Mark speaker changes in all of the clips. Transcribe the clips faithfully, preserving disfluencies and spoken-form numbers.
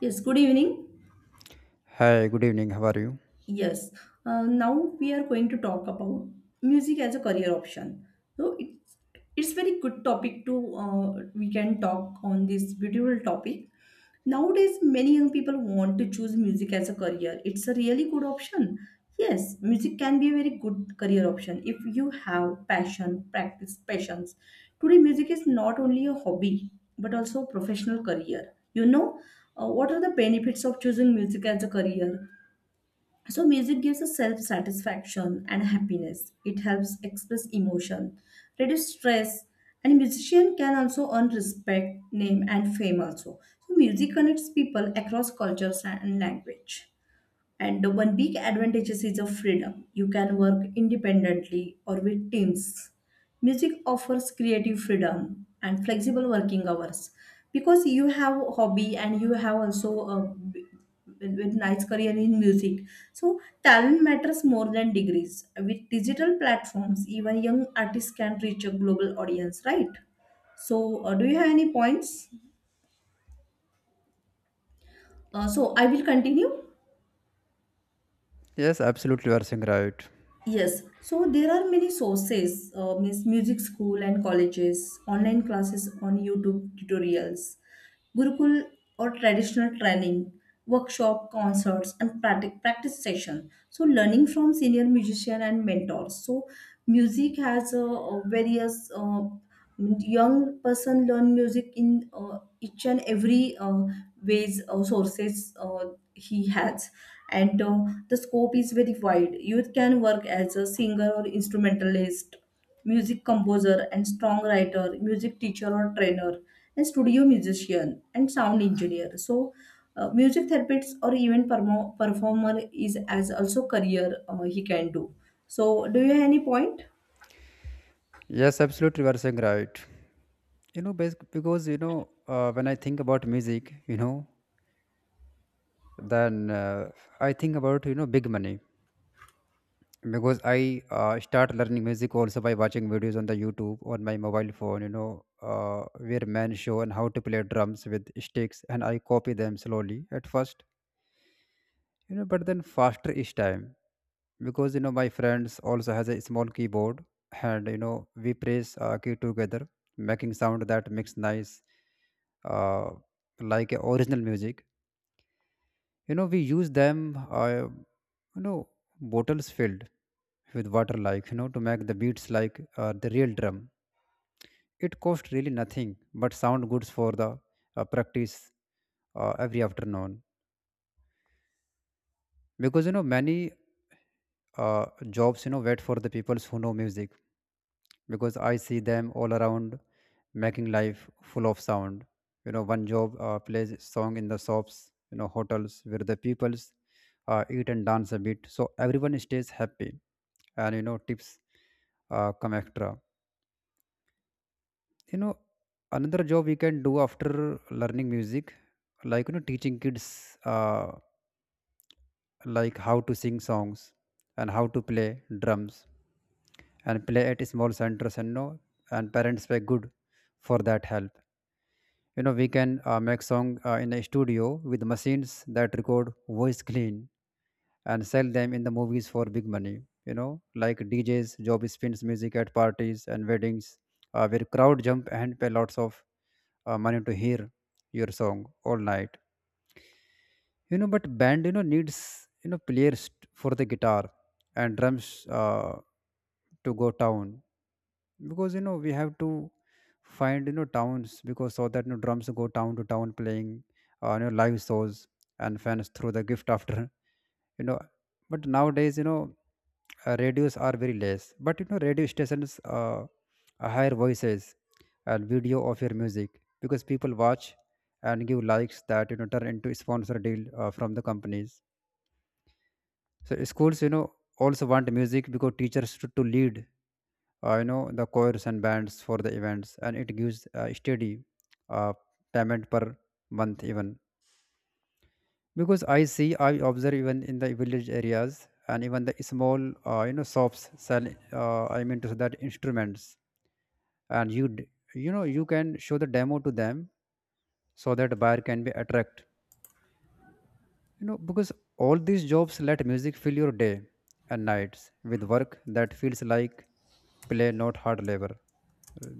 Speaker 1: Yes, good evening.
Speaker 2: Hi, good evening. How are you?
Speaker 1: Yes, uh, Now we are going to talk about music as a career option. So it's it's very good topic to uh, we can talk on this beautiful topic. Nowadays, many young people want to choose music as a career. It's a really good option. Yes, music can be a very good career option if you have passion, practice, passions. Today, music is not only a hobby but also a professional career. You know, uh, what are the benefits of choosing music as a career? So music gives us self-satisfaction and happiness. It helps express emotion, reduce stress, and musician can also earn respect, name, and fame also. So music connects people across cultures and language. And one big advantages is of freedom. You can work independently or with teams. Music offers creative freedom and flexible working hours because you have a hobby and you have also a b- with with nice career in music. So talent matters more than degrees. With digital platforms, even young artists can reach a global audience, right? So, uh, do you have any points? Uh, so I will continue.
Speaker 2: Yes, absolutely, you are saying right.
Speaker 1: Yes, so there are many sources, uh, means music school and colleges, online classes on YouTube tutorials, Gurukul or traditional training, workshop, concerts, and practice, practice session. So learning from senior musician and mentors. So music has uh, uh, various uh, young person learn music in uh, each and every uh, ways uh, sources uh, he has and uh, the scope is very wide. You can work as a singer or instrumentalist, music composer and songwriter, music teacher or trainer and studio musician and sound engineer. So uh, music therapist or even permo- performer is as also career uh, he can do. So do you have any point?
Speaker 2: Yes, absolutely, you are saying right. You know, bas- because you know, uh, when I think about music, you know, then uh, I think about you know big money, because I uh, start learning music also by watching videos on the YouTube on my mobile phone. You know, uh, where men show and how to play drums with sticks, and I copy them slowly at first. You know, but then faster each time, because you know my friends also has a small keyboard, and you know we press uh, key together, making sound that makes nice, uh, like a original music. You know we use them, uh, you know bottles filled with water, like, you know to make the beats like uh, the real drum. It cost really nothing but sound goods for the uh, practice, uh, every afternoon, because you know many uh, jobs you know wait for the people who know music, because I see them all around making life full of sound. You know one job uh, plays song in the shops, you know hotels where the peoples uh, eat and dance a bit, so everyone stays happy, and you know tips uh, come extra you know Another job we can do after learning music, like you know teaching kids, uh, like how to sing songs and how to play drums, and play at small centers, and no, and parents were good for that help. You know we can uh, make song uh, in a studio with machines that record voice clean, and sell them in the movies for big money. You know like DJs job spins music at parties and weddings, uh, where crowd jump and pay lots of uh, money to hear your song all night. You know but band you know needs you know players t- for the guitar and drums, uh, to go down, because you know we have to find you know towns, because so that you know drums go town to town playing, uh, you know live shows, and fans throw the gift after you know but nowadays, you know uh, radios are very less, but you know radio stations uh, higher voices and video of your music, because people watch and give likes that you know turn into sponsor deal uh, from the companies. So schools, you know also want music, because teachers to, to lead, uh, you know the choirs and bands for the events, and it gives a steady uh, payment per month even, because i see i observe even in the village areas, and even the small, uh, you know shops sell, uh, I mean to say that, instruments, and you d- you know you can show the demo to them, so that buyer can be attract you know because all these jobs let music fill your day and nights with work that feels like play, not hard labor,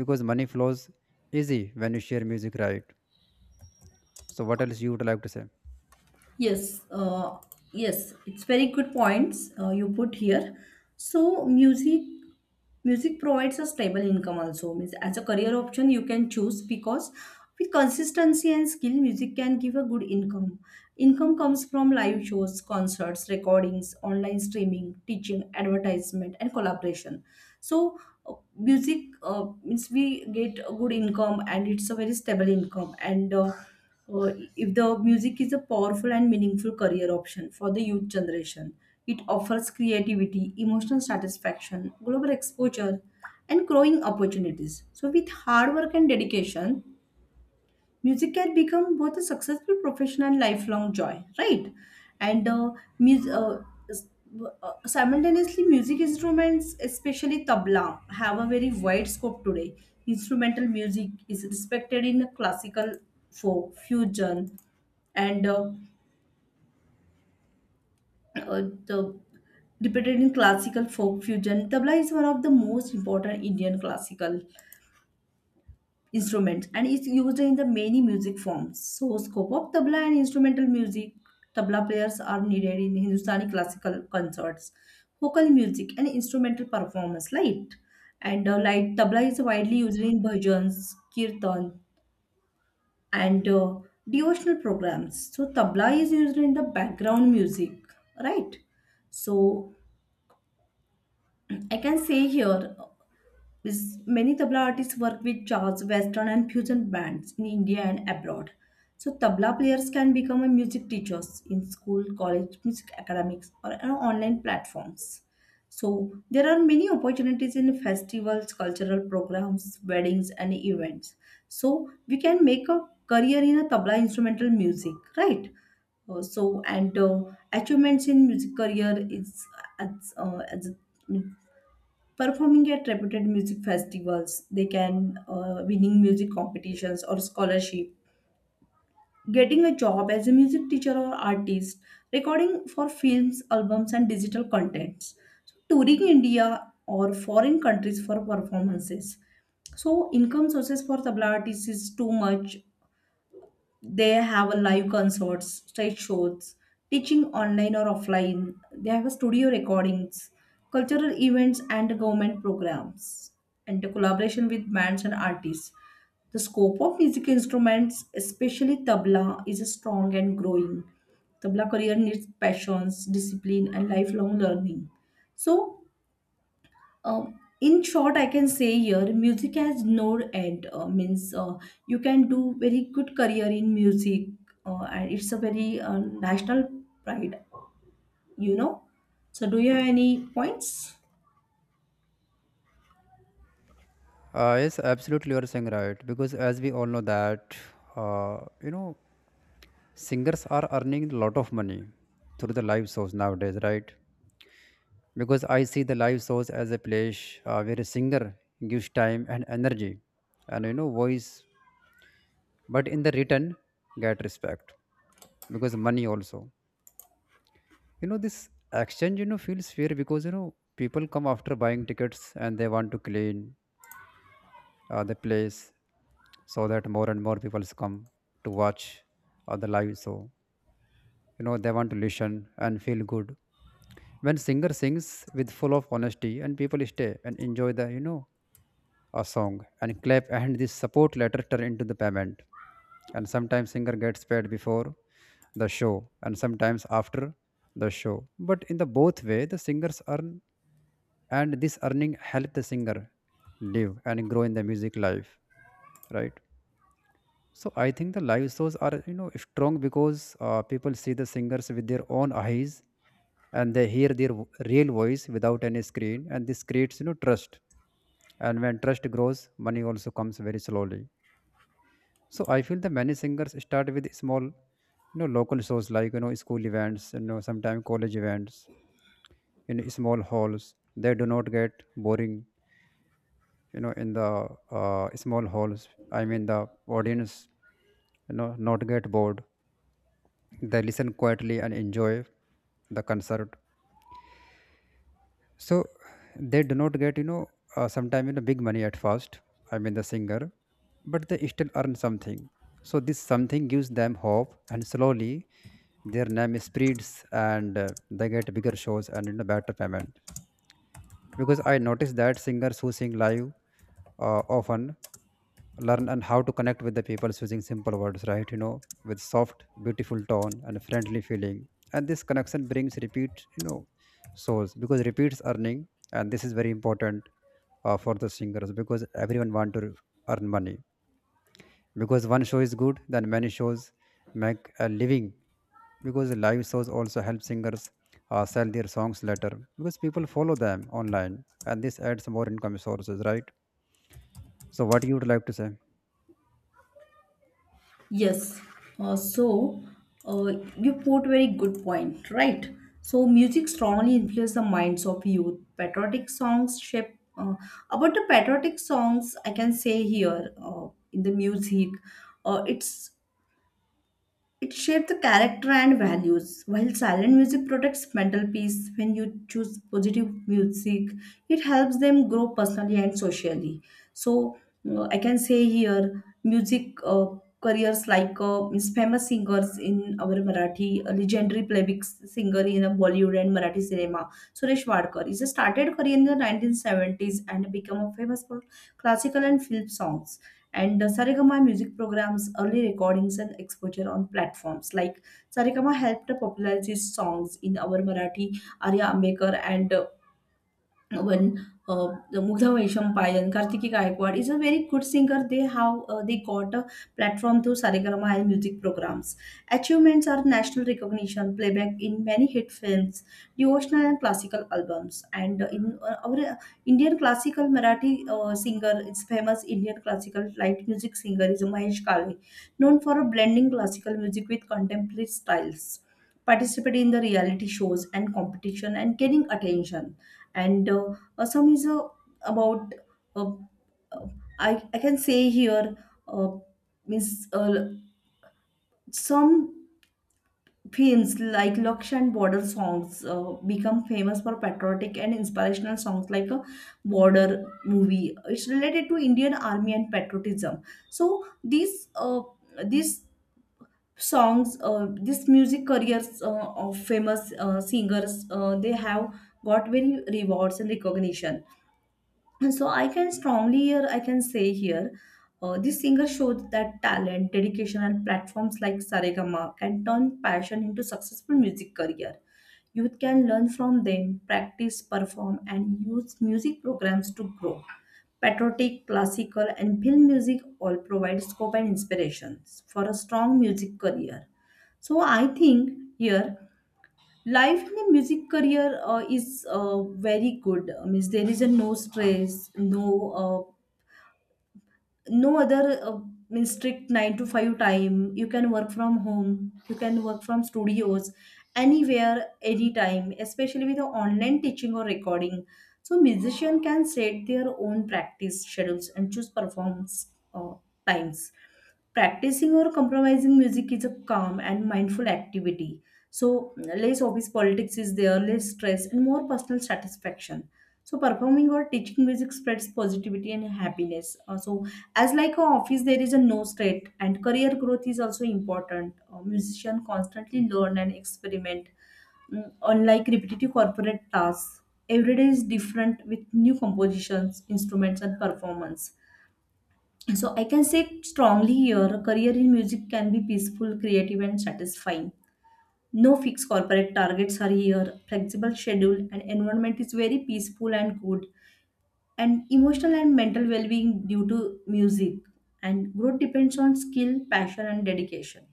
Speaker 2: because money flows easy when you share music, right? So what else you would like to say?
Speaker 1: Yes, uh, yes, it's very good points uh, you put here. So, music music provides a stable income also. Means as a career option you can choose because with consistency and skill music can give a good income. Income comes from live shows, concerts, recordings, online streaming, teaching, advertisement, and collaboration. So uh, music uh, means we get a good income and it's a very stable income, and uh, uh, if the music is a powerful and meaningful career option for the youth generation. It offers creativity, emotional satisfaction, global exposure, and growing opportunities. So, with hard work and dedication, music can become both a successful profession and lifelong joy, right? and uh, mus- uh, s- uh, Simultaneously music instruments, especially tabla, have a very wide scope today. Instrumental music is respected in classical, folk, fusion, and uh, uh, the repeated in classical folk fusion. Tabla is one of the most important indian classical instrument and is used in the many music forms. So scope of tabla and instrumental music, tabla players are needed in Hindustani classical concerts, vocal music and instrumental performance, right? And uh, light tabla is widely used in bhajans, kirtan, and uh, devotional programs. So tabla is used in the background music, right? So I can say here, because many tabla artists work with jazz, western, and fusion bands in India and abroad. So tabla players can become a music teachers in school, college, music academics, or you know, online platforms. So there are many opportunities in festivals, cultural programs, weddings, and events. So we can make a career in a tabla instrumental music, right? Uh, so and uh, achievements in music career is as, uh, as performing at reputed music festivals. They can uh, winning music competitions or scholarship, getting a job as a music teacher or artist, recording for films, albums, and digital contents. So touring india or foreign countries for performances. So income sources for tabla artists is too much. They have a live concerts, stage shows, teaching online or offline. They have a studio recordings, cultural events and government programs, and the collaboration with bands and artists. The scope of music instruments especially tabla is strong and growing. Tabla career needs passions, discipline and lifelong learning. So um, in short, I can say here music has no end. Uh, means uh, you can do very good career in music, uh, and it's a very uh, national pride. You know. So, do you have any points?
Speaker 2: Uh, yes absolutely, you are saying right, because as we all know that, uh, you know singers are earning a lot of money through the live shows nowadays, right? Because I see the live shows as a place uh, where a singer gives time and energy and, you know voice, but in the return get respect, because money also. You know this exchange you know feels fair, because you know people come after buying tickets, and they want to clean uh, the place, so that more and more people come to watch uh, the live show. You know they want to listen and feel good when singer sings with full of honesty, and people stay and enjoy the, you know a song, and clap, and this support letter turn into the payment. And sometimes singer gets paid before the show, and sometimes after the show, but in the both way the singers earn, and this earning help the singer live and grow in the music life, right? So I think the live shows are, you know strong, because uh, people see the singers with their own eyes, and they hear their vo- real voice without any screen, and this creates, you know trust, and when trust grows money also comes very slowly. So I feel the many singers start with small, you know local shows, like, you know school events, you know sometimes college events in small halls. They do not get boring. You know in the, uh, small halls, I mean the audience, you know not get bored. They listen quietly and enjoy the concert. So they do not get, you know uh, sometimes, you know big money at first, I mean the singer, but they still earn something. So this something gives them hope, and slowly their name spreads, and uh, they get bigger shows, and, you know better payment, because I noticed that singers who sing live uh, often learn and how to connect with the people using simple words, right, you know with soft beautiful tone and friendly feeling. And this connection brings repeat, you know souls, because repeats earning, and this is very important uh, for the singers, because everyone want to earn money, because one show is good, then many shows make a living, because live shows also help singers uh, sell their songs later, because people follow them online, and this adds more income sources, right? So what you would like to say?
Speaker 1: Yes. Uh, so, uh, you put very good point, right? So, music strongly influences the minds of youth. Patriotic songs shape. Uh, about the patriotic songs, I can say here uh, in the music, uh, it's, it shapes the character and values. While silent music protects mental peace, when you choose positive music, it helps them grow personally and socially. So uh, I can say here, music uh, careers like uh, means famous singers in our Marathi, a legendary playback singer in uh, Bollywood and Marathi cinema, Suresh Wadkar, is a started career in the nineteen seventies and became a famous for classical and film songs and the Saregama music programs, early recordings, and exposure on platforms like Saregama helped popularize his songs in our Marathi, Arya Ambekar, and uh, uh, when uh, the Mugdha Vaishmpayan, Kartiki Gaikwad is a very good singer. They how uh, they got a platform through Saregama and music programs. Achievements are national recognition, playback in many hit films, devotional and classical albums. And uh, in uh, our Indian classical Marathi uh, singer, it's famous Indian classical light music singer is Mahesh Kale, known for blending classical music with contemporary styles. Participating in the reality shows and competition and gaining attention and uh, Assam is uh, about uh, uh, I I can say here uh, means uh, some films like Laksh border songs uh, become famous for patriotic and inspirational songs like a border movie. It's related to Indian Army and patriotism. So these uh, these songs, uh, this music careers uh, of famous uh, singers, uh, they have got very rewards and recognition. And so I can strongly here I can say here, uh, this singer showed that talent, dedication, and platforms like Saregama can turn passion into successful music career. Youth can learn from them, practice, perform, and use music programs to grow. Patriotic, classical, and film music all provide scope and inspirations for a strong music career. So I think here life in a music career uh, is uh, very good. Means there is a no stress, no uh, no other uh, means strict nine to five time. You can work from home, you can work from studios, anywhere anytime especially with the online teaching or recording. So musician can set their own practice schedules and choose performance uh, times. Practicing or compromising music is a calm and mindful activity. So less office politics is there, less stress and more personal satisfaction. So performing or teaching music spreads positivity and happiness. Uh, so as like a office, there is a no state, and career growth is also important. Uh, musician constantly learn and experiment. Mm, unlike repetitive corporate tasks, every day is different with new compositions, instruments, and performance. So I can say strongly here, a career in music can be peaceful, creative, and satisfying. No fixed corporate targets are here. Flexible schedule and environment is very peaceful and good, and emotional and mental well-being due to music, and growth depends on skill, passion and dedication.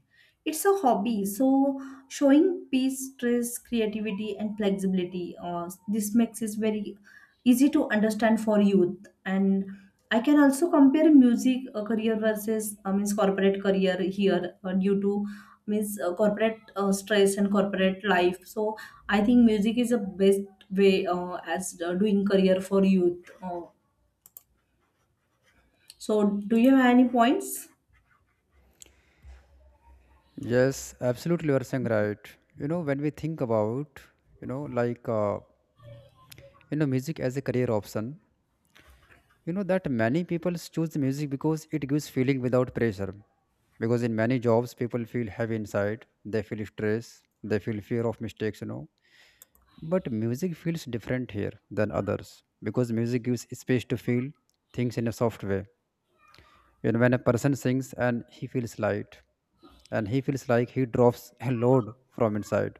Speaker 1: It's a hobby. So showing peace, stress, creativity and flexibility, uh, this makes it very easy to understand for youth. And I can also compare music uh, career versus uh, means corporate career here uh, due to means uh, corporate uh, stress and corporate life. So I think music is the best way uh, as uh, doing career for youth. Uh, so do you have any points?
Speaker 2: Yes, absolutely, you are saying right. You know, when we think about, you know, like, uh, you know, music as a career option, you know, that many people choose the music because it gives feeling without pressure. Because in many jobs, people feel heavy inside, they feel stress, they feel fear of mistakes, you know. But music feels different here than others, because music gives space to feel things in a soft way. You know, when a person sings and he feels light, and he feels like he drops a load from inside.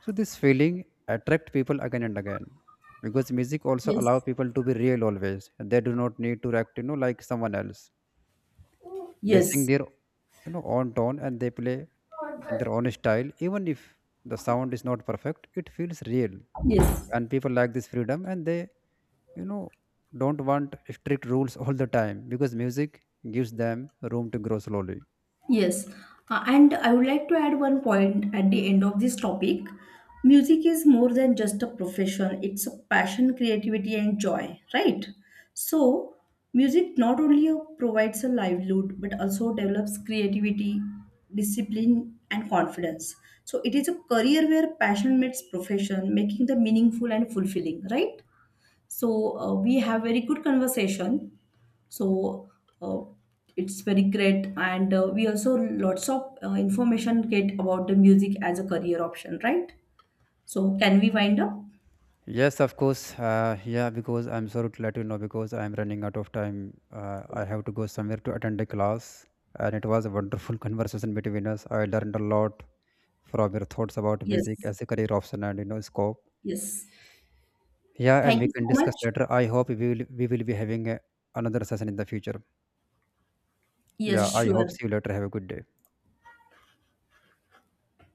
Speaker 2: So this feeling attract people again and again, because music also allow
Speaker 1: Yes.
Speaker 2: people to be real always. They do not need to act, you know, like someone else. They sing
Speaker 1: Yes.
Speaker 2: their, you know, own tone, and they play in their own style. Even if the sound is not perfect, it feels real.
Speaker 1: Yes.
Speaker 2: And people like this freedom, and they, you know, don't want strict rules all the time, because music gives them room to grow slowly.
Speaker 1: Yes, uh, and I would like to add one point at the end of this topic. Music is more than just a profession, it's a passion, creativity, and joy, right? So, music not only uh, provides a livelihood but also develops creativity, discipline, and confidence. So, it is a career where passion meets profession, making the meaningful and fulfilling, right? So uh, we have very good conversation. So uh, it's very great, and uh, we also lots of uh, information get about the music as a career option, right? So can we wind up?
Speaker 2: Yes, of course. Uh, yeah, because I'm sorry to let you know, because I'm running out of time. Uh, I have to go somewhere to attend a class, and it was a wonderful conversation between us. I learned a lot from your thoughts about music
Speaker 1: Yes,
Speaker 2: as a career option, and you know scope.
Speaker 1: yes.
Speaker 2: Yeah, and
Speaker 1: Thank
Speaker 2: we
Speaker 1: you so
Speaker 2: can discuss
Speaker 1: much.
Speaker 2: later. I hope we will we will be having a, another session in the future.
Speaker 1: Yes,
Speaker 2: Yeah, I hope
Speaker 1: sure.
Speaker 2: see you later. Have a good day.